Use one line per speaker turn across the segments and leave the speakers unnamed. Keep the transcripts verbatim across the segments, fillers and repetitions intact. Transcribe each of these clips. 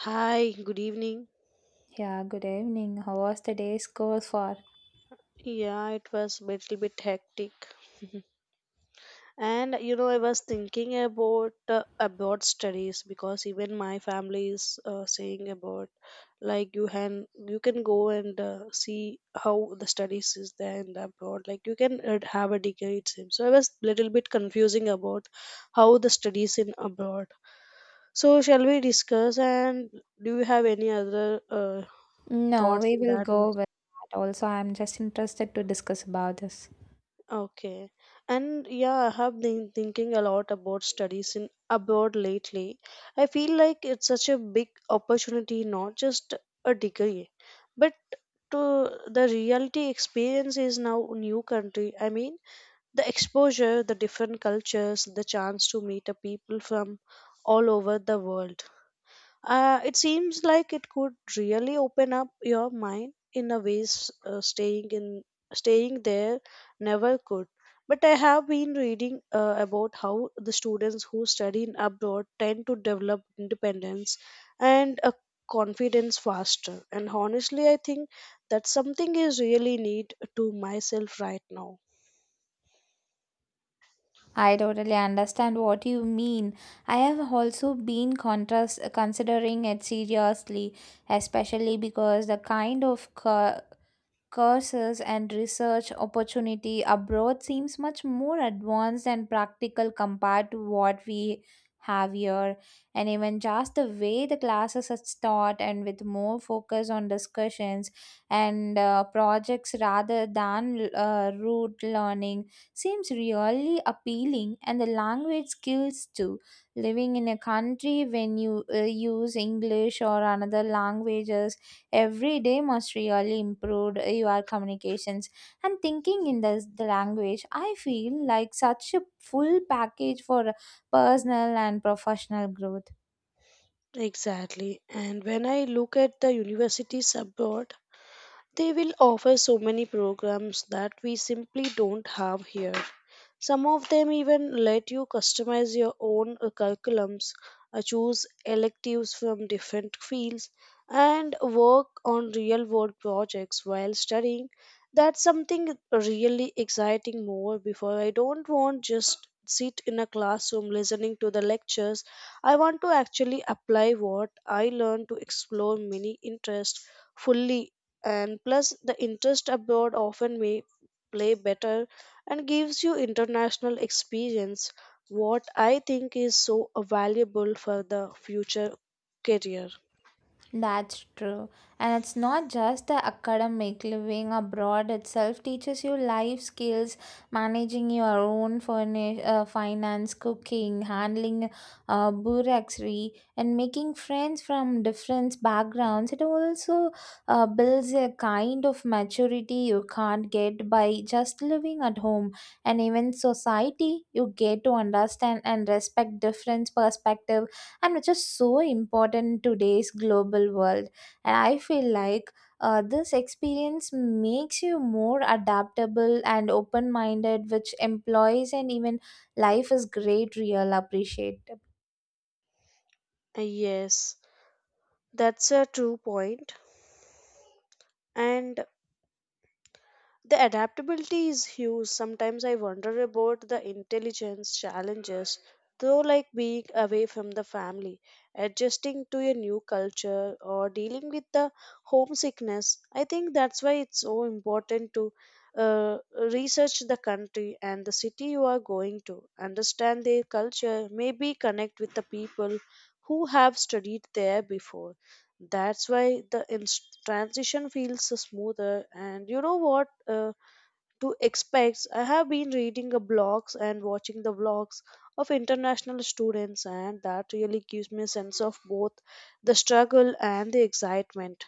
Hi, good evening.
Yeah, good evening. How was the day's goes for?
Yeah, it was a little bit hectic. And you know, I was thinking about uh, about studies because even my family is uh, saying about like you can you can go and uh, see how the studies is there in the abroad. Like you can uh, have a degree it seems. So I was little bit confusing about how the studies in abroad. So shall we discuss? And do you have any other uh,
No,
thoughts
we
in
will
that?
go with that. Also, I'm just interested to discuss about this.
Okay. And yeah, I have been thinking a lot about studies in abroad lately. I feel like it's such a big opportunity, not just a degree, but to the reality experience is now new country. I mean, the exposure, the different cultures, the chance to meet a people from all over the world. Uh, it seems like it could really open up your mind in a ways uh, staying in staying there never could. But I have been reading uh, about how the students who study in abroad tend to develop independence and a confidence faster. And honestly, I think that something is really need to myself right now.
I totally understand what you mean. I have also been contrast considering it seriously, especially because the kind of co- courses and research opportunity abroad seems much more advanced and practical compared to what we have here, and even just the way the classes are taught and with more focus on discussions and uh, projects rather than uh, rote learning seems really appealing. And the language skills too, living in a country when you uh, use English or another languages every day must really improve your communications and thinking in the, the language. I feel like such a full package for personal and professional growth.
Exactly. And when I look at the universities abroad, they will offer so many programs that we simply don't have here. Some of them even let you customize your own uh, curriculums, uh, choose electives from different fields, and work on real world projects while studying. That's something really exciting more before I don't want just sit in a classroom listening to the lectures. I want to actually apply what I learn to explore many interests fully, and plus the interest abroad often may play better and gives you international experience what I think is so valuable for the future career.
That's true. And it's not just the academic, living abroad itself teaches you life skills, managing your own furnish, uh, finance, cooking, handling uh, bureaucracy, and making friends from different backgrounds. It also uh, builds a kind of maturity you can't get by just living at home. And even society, you get to understand and respect different perspectives, and which is so important in today's global world. And I feel like uh, this experience makes you more adaptable and open minded, which employees and even life is great real appreciate.
Uh, yes that's a true point point. And the adaptability is huge. Sometimes I wonder about the intelligence challenges, though, like being away from the family, adjusting to a new culture, or dealing with the homesickness. I think that's why it's so important to uh, research the country and the city you are going to, understand their culture, maybe connect with the people who have studied there before. That's why the ins- transition feels so smoother. And you know what? Uh, to expect. I have been reading the blogs and watching the vlogs of international students, and that really gives me a sense of both the struggle and the excitement.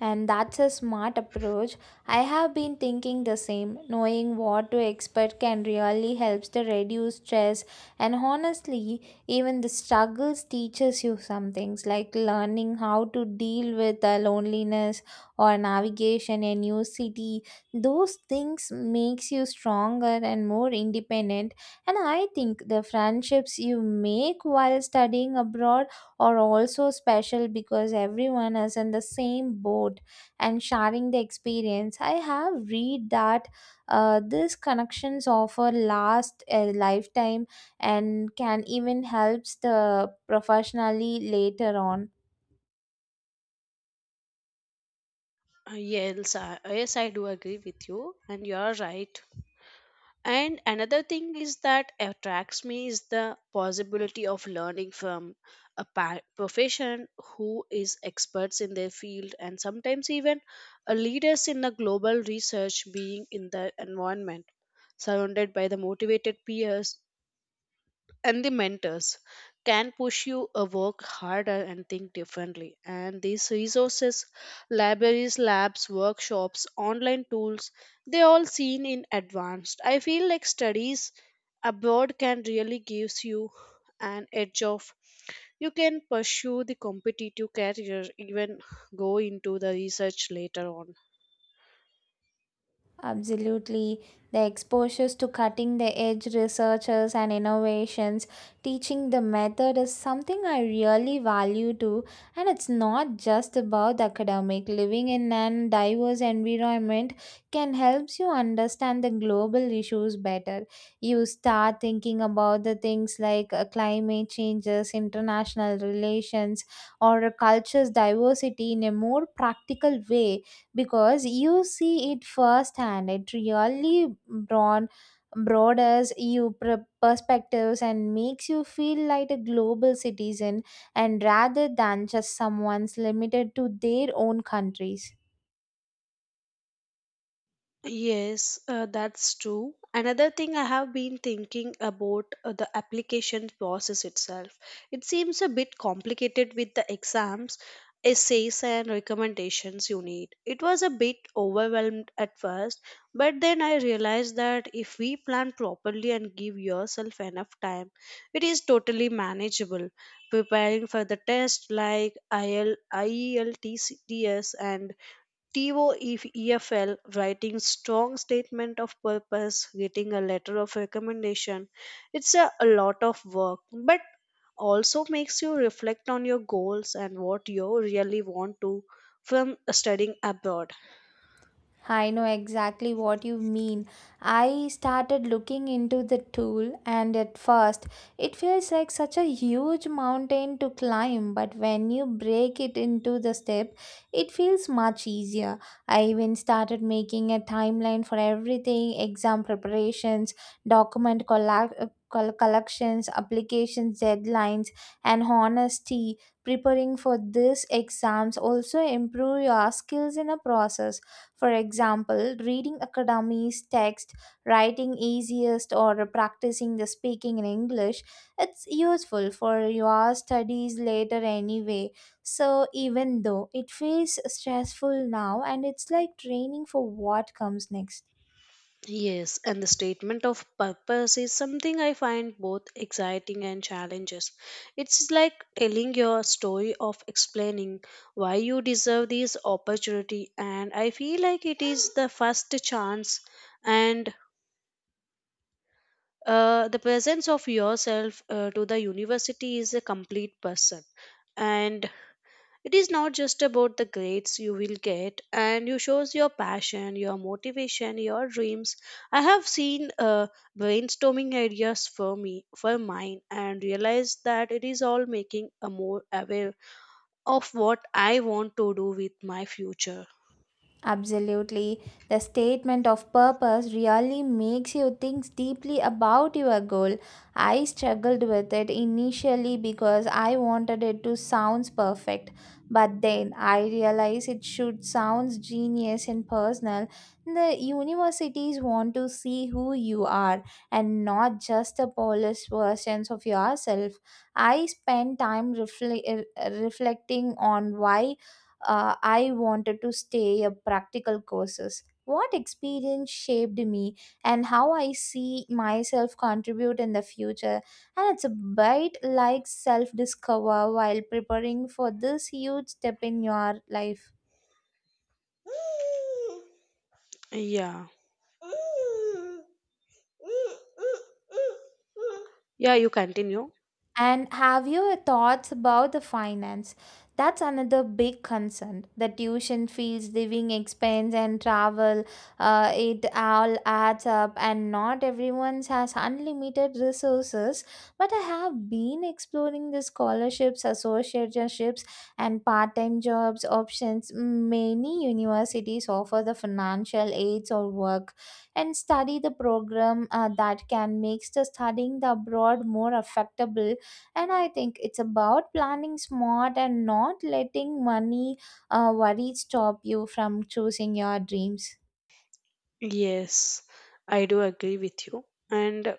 And that's a smart approach. I have been thinking the same. Knowing what to expect can really helps to reduce stress. And honestly, even the struggles teaches you some things like learning how to deal with uh, loneliness or navigation in new city. Those things makes you stronger and more independent. And I think the friendships you make while studying abroad are also special because everyone is in the same boat and sharing the experience. I have read that uh, these connections offer last a lifetime and can even helps the professionally later on.
Uh, Yes, I, yes, I do agree with you, and you are right. And another thing is that attracts me is the possibility of learning from a pa- profession who is experts in their field and sometimes even a leaders in the global research, being in the environment surrounded by the motivated peers and the mentors, can push you a work harder and think differently. And these resources, libraries, labs, workshops, online tools, they all seen in advanced. I feel like studies abroad can really gives you an edge of. You can pursue the competitive career, even go into the research later on.
Absolutely. The exposures to cutting the edge researchers and innovations, teaching the method is something I really value too. And it's not just about the academic. Living in an diverse environment can help you understand the global issues better. You start thinking about the things like uh, climate changes, international relations, or a culture's diversity in a more practical way because you see it firsthand. It really broad, broadens your pr- perspectives and makes you feel like a global citizen, and rather than just someone's limited to their own countries.
Yes, uh, that's true. Another thing I have been thinking about uh, the application process itself. It seems a bit complicated with the exams, essays, and recommendations you need. It was a bit overwhelmed at first, but then I realized that if we plan properly and give yourself enough time, it is totally manageable. Preparing for the test like IL, IELTS, and TOEFL, writing strong statement of purpose, getting a letter of recommendation. It's a, a lot of work, but also makes you reflect on your goals and what you really want to from studying abroad.
I know exactly what you mean. I started looking into the tool, and at first, it feels like such a huge mountain to climb. But when you break it into the step, it feels much easier. I even started making a timeline for everything: exam preparations, document colla col Collections, applications, deadlines, and honesty. Preparing for these exams also improve your skills in a process, for example, reading academy's text, writing easiest, or practicing the speaking in English, it's useful for your studies later anyway. So even though it feels stressful now, and it's like training for what comes next.
Yes, and the statement of purpose is something I find both exciting and challenges. It's like telling your story of explaining why you deserve this opportunity, and I feel like it is the first chance and uh, the presence of yourself uh, to the university is a complete person, and it is not just about the grades you will get, and you shows your passion, your motivation, your dreams. I have seen uh, brainstorming ideas for me, for mine, and realized that it is all making a more aware of what I want to do with my future.
Absolutely. The statement of purpose really makes you think deeply about your goal. I struggled with it initially because I wanted it to sound perfect, but then I realized it should sound genius and personal. The universities want to see who you are, and not just the polished versions of yourself. I spent time refle- uh, reflecting on why uh, I wanted to stay a practical courses. What experience shaped me and how I see myself contribute in the future. And it's a bit like self discover while preparing for this huge step in your life.
Yeah, yeah, you continue.
And have your thoughts about the finance? That's another big concern. The tuition fees, living expense, and travel, uh, it all adds up, and not everyone has unlimited resources. But I have been exploring the scholarships, associateships, and part time jobs options. Many universities offer the financial aids or work and study the program uh, that can make the studying the abroad more affectable. And I think it's about planning smart and not letting money uh, worry stop you from choosing your dreams.
Yes, I do agree with you, and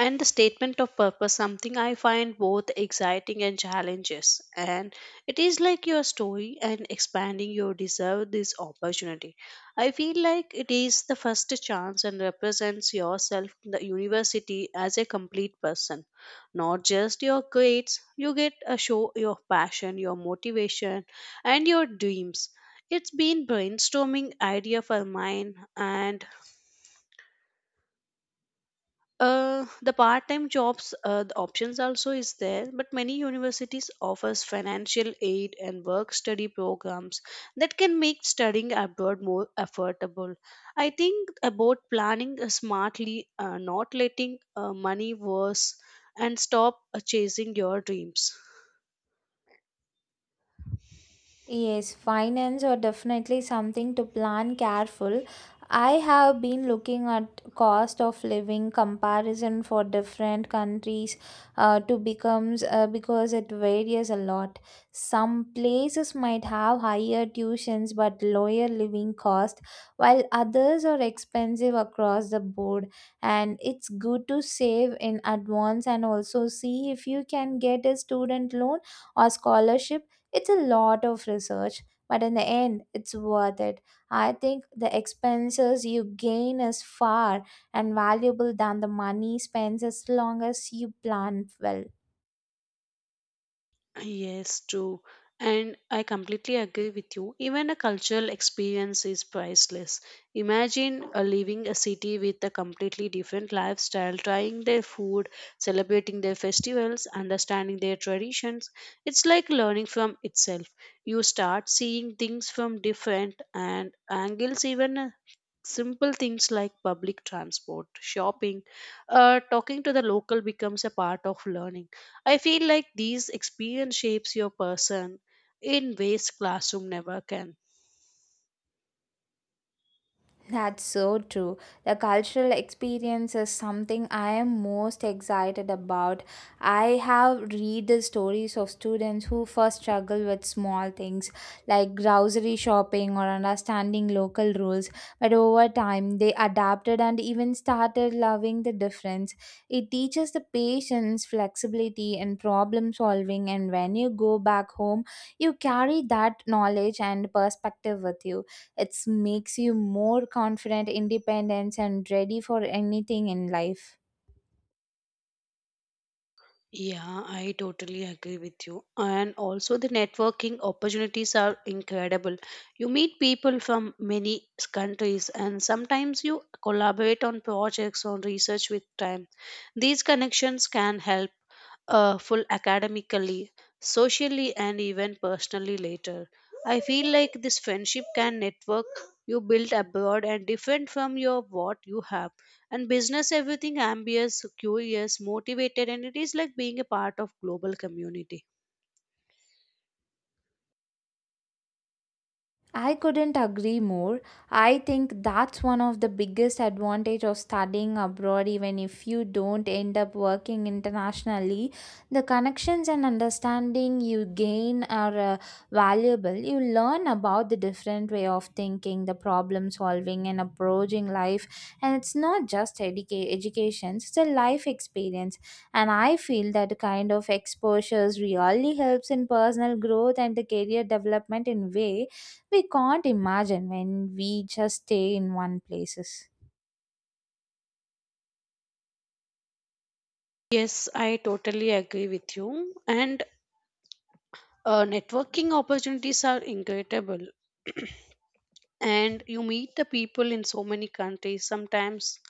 and the statement of purpose something I find both exciting and challenges, and it is like your story and expanding your deserve this opportunity. I feel like it is the first chance and represents yourself in the university as a complete person, not just your grades you get. A show your passion, your motivation, and your dreams. It's been brainstorming idea for mine, and uh, the part-time jobs uh, the options also is there, but many universities offers financial aid and work study programs that can make studying abroad more affordable. I think about planning uh, smartly, uh, not letting uh, money worse and stop uh, chasing your dreams.
Yes, finance are definitely something to plan careful. I have been looking at cost of living comparison for different countries uh, to becomes uh, because it varies a lot. Some places might have higher tuitions but lower living cost, while others are expensive across the board. And it's good to save in advance and also see if you can get a student loan or scholarship. It's a lot of research, but in the end, it's worth it. I think the expenses you gain is far and valuable than the money spends, as long as you plan well.
Yes, true. And I completely agree with you. Even a cultural experience is priceless. Imagine uh, leaving a city with a completely different lifestyle, trying their food, celebrating their festivals, understanding their traditions. It's like learning from itself. You start seeing things from different and angles. Even a simple things like public transport, shopping, uh, talking to the local becomes a part of learning. I feel like these experience shapes your person in ways classroom never can.
That's so true. The cultural experience is something I am most excited about. I have read the stories of students who first struggle with small things like grocery shopping or understanding local rules, but over time they adapted and even started loving the difference. It teaches the patience, flexibility, and problem solving, and when you go back home, you carry that knowledge and perspective with you. It makes you more confident, independent, and ready for anything in life.
Yeah, I totally agree with you. And also, the networking opportunities are incredible. You meet people from many s- countries, and sometimes you collaborate on projects or research with time. These connections can help uh, full academically, socially, and even personally later. I feel like this friendship can network you build abroad and different from your what you have, and business everything ambitious, curious, motivated, and it is like being a part of global community.
I couldn't agree more. I think that's one of the biggest advantage of studying abroad, even if you don't end up working internationally. The connections and understanding you gain are uh, valuable. You learn about the different way of thinking, the problem solving and approaching life, and it's not just educa- education, it's a life experience. And I feel that kind of exposures really helps in personal growth and the career development in way we can't imagine when we just stay in one places.
Yes, I totally agree with you. And uh, networking opportunities are incredible. And you meet the people in so many countries sometimes.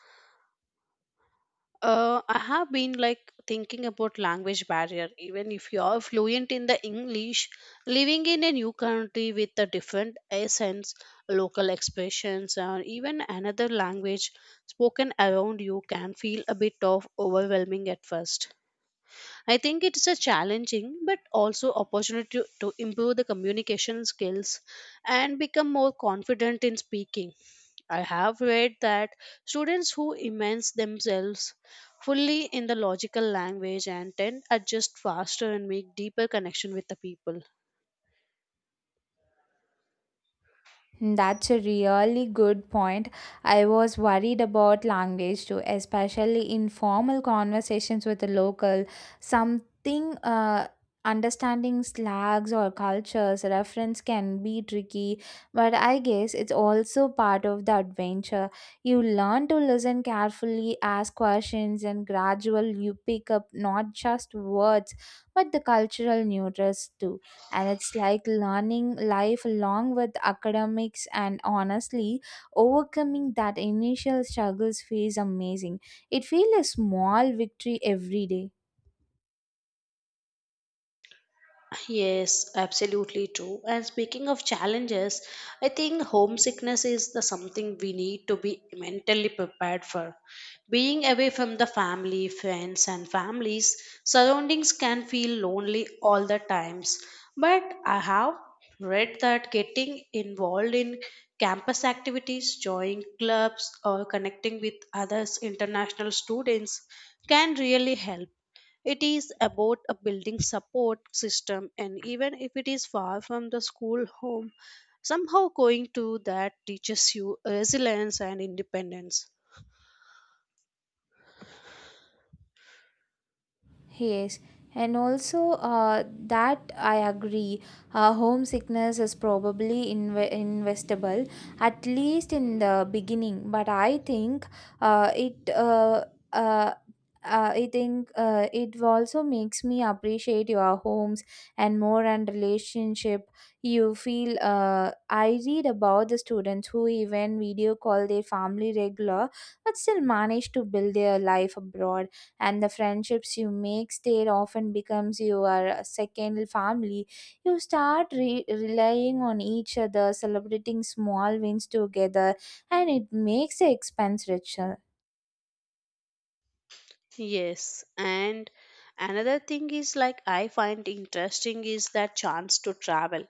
Uh, I have been like thinking about language barrier. Even if you are fluent in the English, living in a new country with a different accents, local expressions, or even another language spoken around you can feel a bit of overwhelming at first. I think it's a challenging but also opportunity to, to improve the communication skills and become more confident in speaking. I have read that students who immerse themselves fully in the logical language and then adjust faster and make deeper connection with the people.
Hmm, that's a really good point. I was worried about language too, especially in formal conversations with the local. Something uh, Understanding slangs or cultures reference can be tricky, but I guess it's also part of the adventure. You learn to listen carefully, ask questions, and gradually you pick up not just words but the cultural nuances too. And it's like learning life along with academics, and honestly, overcoming that initial struggles feels amazing. It feels a small victory every day.
Yes, absolutely true. And speaking of challenges, I think homesickness is the something we need to be mentally prepared for. Being away from the family, friends, and families, surroundings can feel lonely all the times. But I have read that getting involved in campus activities, joining clubs, or connecting with others international students can really help. It is about a building support system, and even if it is far from the school home, somehow going to that teaches you resilience and independence.
Yes, and also uh, that I agree. Uh, homesickness is probably inve- investable, at least in the beginning. But I think uh, it. Uh, uh, uh, I think uh, it also makes me appreciate your homes and more and relationship. You feel. Uh, I read about the students who even video call their family regular, but still manage to build their life abroad. And the friendships you make there often becomes your second family. You start re- relying on each other, celebrating small wins together, and it makes the expense richer.
Yes, and another thing is like I find interesting is that chance to travel.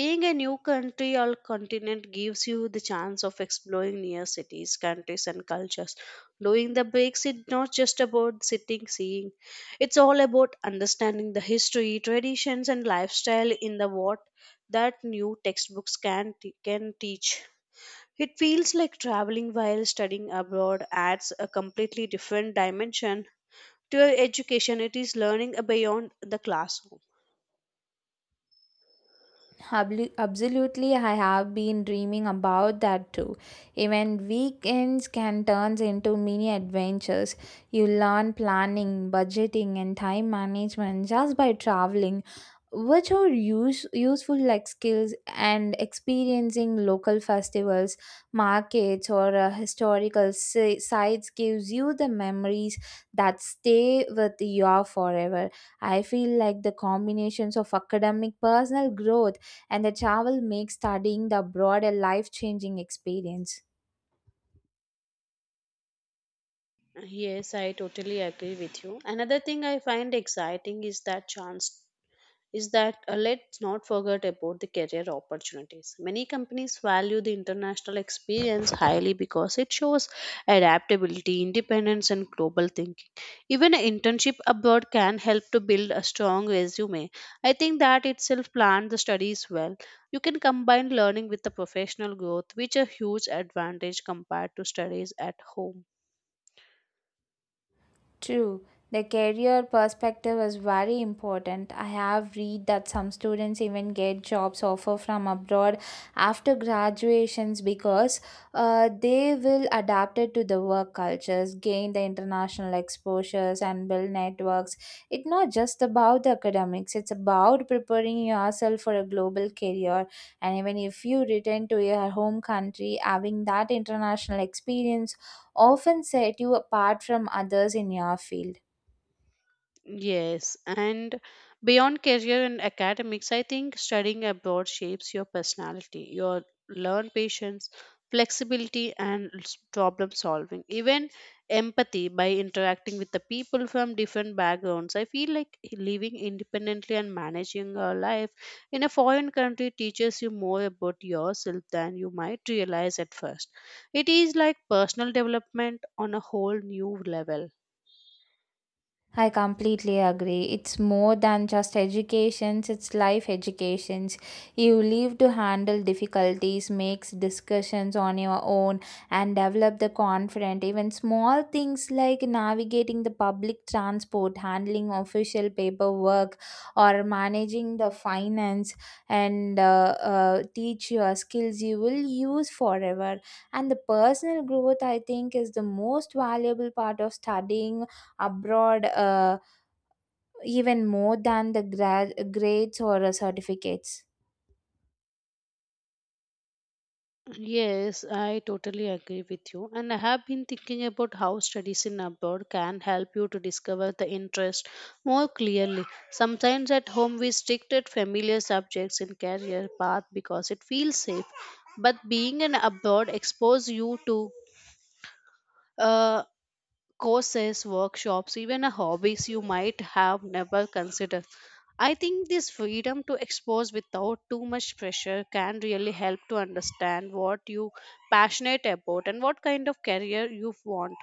Being a new country or continent gives you the chance of exploring near cities, countries, and cultures. Doing the breaks is not just about sitting, seeing, it's all about understanding the history, traditions, and lifestyle in the what that new textbooks can, t- can teach. It feels like traveling while studying abroad adds a completely different dimension to education. It is learning beyond the classroom.
Hablu- Absolutely, I have been dreaming about that too. Even weekends can turn into mini adventures. You learn planning, budgeting, and time management just by traveling, which are use- useful like skills, and experiencing local festivals, markets, or uh, historical si- sites gives you the memories that stay with you forever. I feel like the combinations of academic personal growth and the travel makes studying the abroad a life changing experience.
Yes, I totally agree with you. Another thing I find exciting is that chance is that uh, let's not forget about the career opportunities. Many companies value the international experience highly because it shows adaptability, independence, and global thinking. Even an internship abroad can help to build a strong resume. I think that itself planned the studies well. You can combine learning with the professional growth, which is a huge advantage compared to studies at home.
True, the career perspective is very important. I have read that some students even get jobs offer from abroad after graduations because uh, they will adapt it to the work cultures, gain the international exposures, and build networks. It's not just about the academics; it's about preparing yourself for a global career. And even if you return to your home country, having that international experience often set you apart from others in your field.
Yes, and beyond career and academics, I think studying abroad shapes your personality. You learn patience, flexibility, and s- problem solving, even empathy by interacting with the people from different backgrounds. I feel like living independently and managing your life in a foreign country teaches you more about yourself than you might realize at first. It is like personal development on a whole new level.
I completely agree. It's more than just educations, it's life educations. You leave to handle difficulties, makes discussions on your own, and develop the confidence. Even small things like navigating the public transport, handling official paperwork or managing the finance and uh, uh, teach your skills you will use forever. And the personal growth I think is the most valuable part of studying abroad, uh, even more than the gra- grades or uh, certificates.
Yes, I totally agree with you. And I have been thinking about how studies in abroad can help you to discover the interest more clearly. Sometimes at home we stick at familiar subjects in career path because it feels safe. But being an abroad exposes you to uh, courses, workshops, even a hobbies you might have never considered. I think this freedom to expose without too much pressure can really help to understand what you passionate about and what kind of career you want.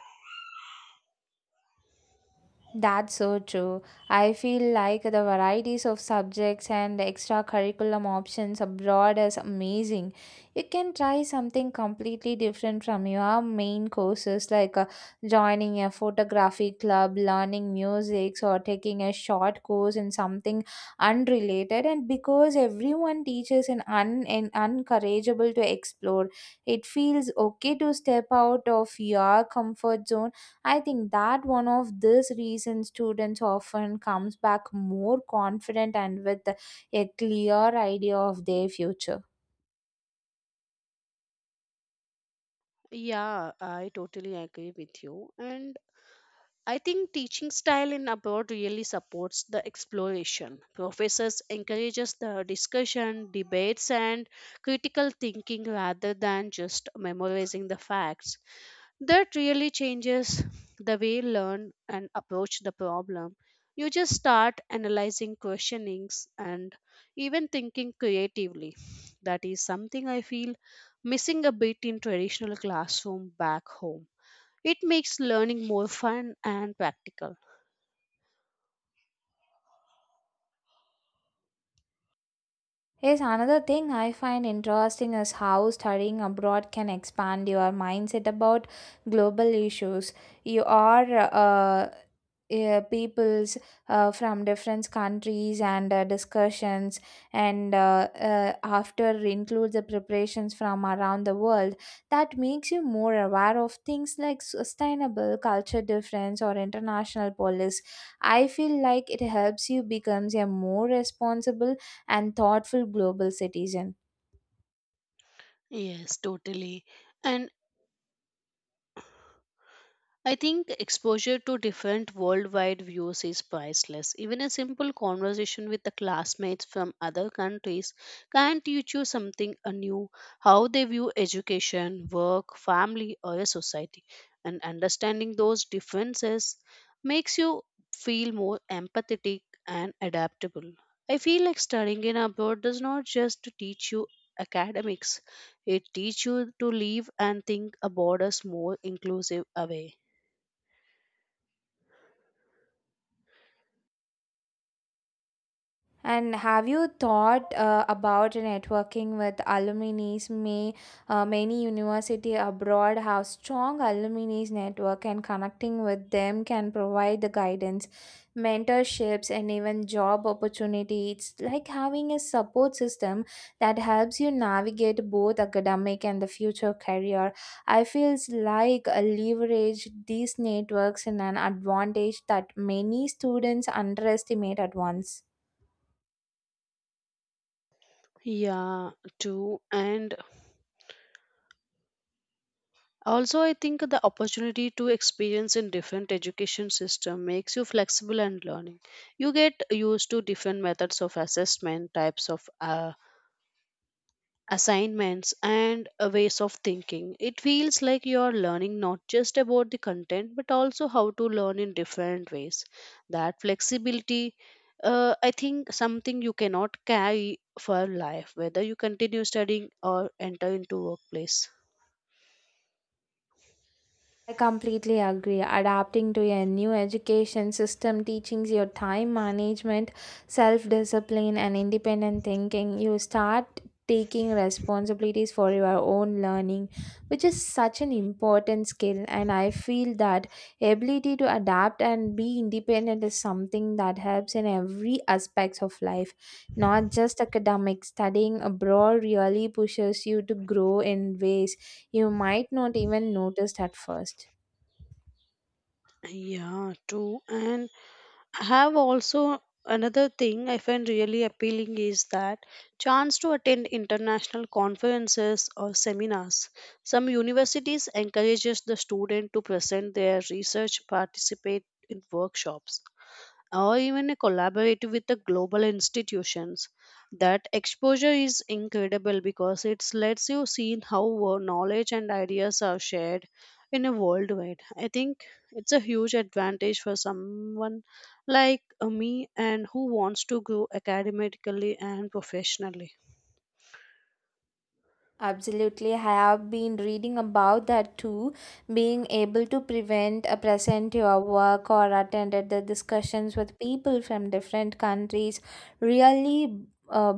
That's so true. I feel like the varieties of subjects and extra curriculum options abroad is amazing. You can try something completely different from your main courses, like uh, joining a photography club, learning music, or taking a short course in something unrelated. And because everyone teaches and un- and uncourageable to explore, it feels okay to step out of your comfort zone. I think that one of this reason students often comes back more confident and with a clear idea of their future.
Yeah, I totally agree with you. And I think teaching style in abroad really supports the exploration. Professors encourages the discussion, debates and critical thinking rather than just memorizing the facts. That really changes the way you learn and approach the problem. You just start analyzing questionings and even thinking creatively. That is something I feel missing a bit in traditional classroom back home. It makes learning more fun and practical.
Yes, another thing I find interesting is how studying abroad can expand your mindset about global issues. You are uh, uh, peoples uh, from different countries and uh, discussions and uh, uh, after includes the preparations from around the world that makes you more aware of things like sustainable culture difference or international police. I feel like it helps you becomes a more responsible and thoughtful global citizen.
Yes, totally. And I think exposure to different worldwide views is priceless. Even a simple conversation with the classmates from other countries can teach you something anew how they view education, work, family, or a society. And understanding those differences makes you feel more empathetic and adaptable. I feel like studying in abroad does not just teach you academics, it teaches you to live and think about us more inclusive way.
And have you thought uh, about networking with alumni? May uh, many university abroad have strong alumni network, and connecting with them can provide the guidance, mentorships, and even job opportunities. It's like having a support system that helps you navigate both academic and the future career. I feels like a leverage these networks in an advantage that many students underestimate at once.
Yeah, too. And also, I think the opportunity to experience in different education system makes you flexible and learning. You get used to different methods of assessment, types of uh, assignments, and uh, ways of thinking. It feels like you are learning not just about the content, but also how to learn in different ways. That flexibility, uh, I think, something you cannot carry for life, whether you continue studying or enter into workplace.
I completely agree. Adapting to a new education system teaching your time management, self discipline, and independent thinking, you start taking responsibilities for your own learning, which is such an important skill. And I feel that ability to adapt and be independent is something that helps in every aspects of life, not just academics. Studying abroad really pushes you to grow in ways you might not even notice at first.
Yeah, true. And I have also another thing I find really appealing is that chance to attend international conferences or seminars. Some universities encourages the student to present their research, participate in workshops, or even a collaborate with the global institutions. That exposure is incredible because it lets you see how wo- knowledge and ideas are shared in a worldwide. I think it's a huge advantage for someone like uh, me and who wants to grow academically and professionally.
Absolutely, I have been reading about that too. Being able to prevent uh, present your work or attended the discussions with people from different countries really uh,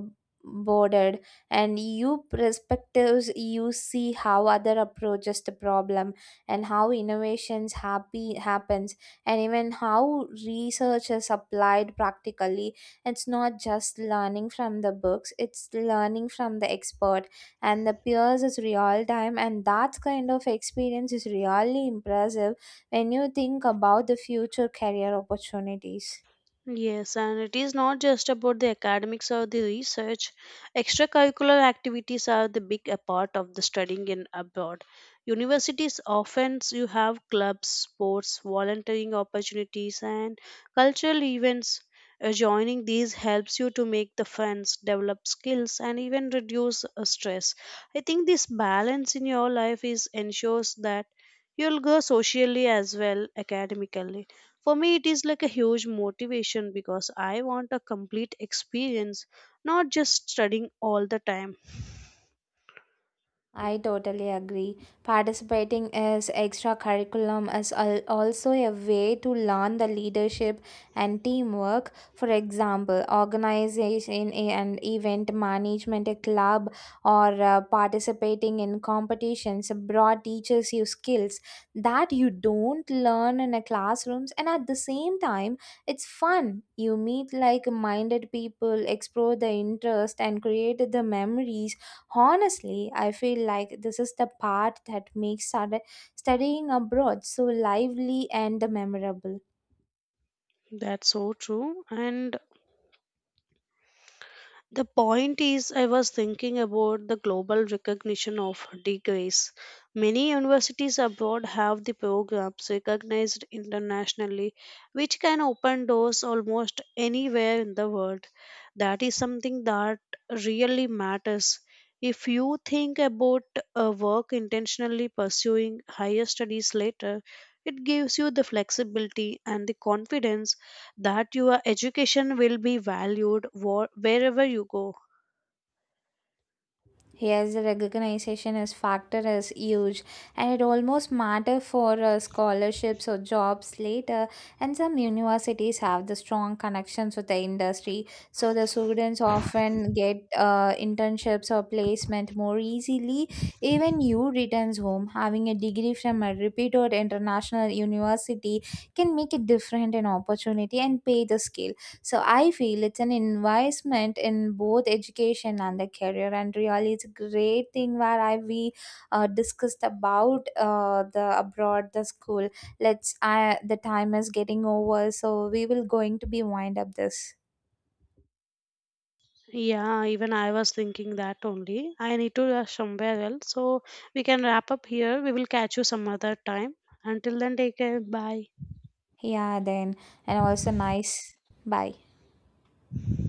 bordered and you perspectives. You see how other approaches the problem and how innovations happy happens, and even how research is applied practically. It's not just learning from the books, it's learning from the expert and the peers is real time. And that kind of experience is really impressive when you think about the future career opportunities.
Yes, and it is not just about the academics or the research. Extracurricular activities are the big a part of the studying in abroad. Universities often s- you have clubs, sports, volunteering opportunities, and cultural events. Uh, joining these helps you to make the friends, develop skills, and even reduce uh, stress. I think this balance in your life is ensures that you'll grow socially as well academically. For me, it is like a huge motivation because I want a complete experience, not just studying all the time.
I totally agree. Participating as extra curriculum is al- also a way to learn the leadership and teamwork. For example, organization and event management, a club, or uh, participating in competitions abroad teaches you skills that you don't learn in a classrooms. And at the same time, it's fun. You meet like-minded people, explore the interest, and create the memories. Honestly, I feel like this is the part that makes stud- studying abroad so lively and memorable.
That's so true. And the point is, I was thinking about the global recognition of degrees. Many universities abroad have the programs recognized internationally, which can open doors almost anywhere in the world. That is something that really matters. If you think about a work intentionally pursuing higher studies later, it gives you the flexibility and the confidence that your education will be valued wha- wherever you go.
Yes, the recognition as factor is huge, and it almost matter for uh, scholarships or jobs later. And some universities have the strong connections with the industry, so the students often get uh, internships or placement more easily. Even you returns home having a degree from a reputed international university can make a different in opportunity and pay the scale. So I feel it's an investment in both education and the career, and really, it's a great thing where I we uh, discussed about uh, the abroad the school. Let's I the time is getting over, so we will going to be wind up this.
Yeah, even I was thinking that only. I need to rush somewhere else, so we can wrap up here. We will catch you some other time. Until then, take care. Bye.
Yeah, then and also nice. Bye.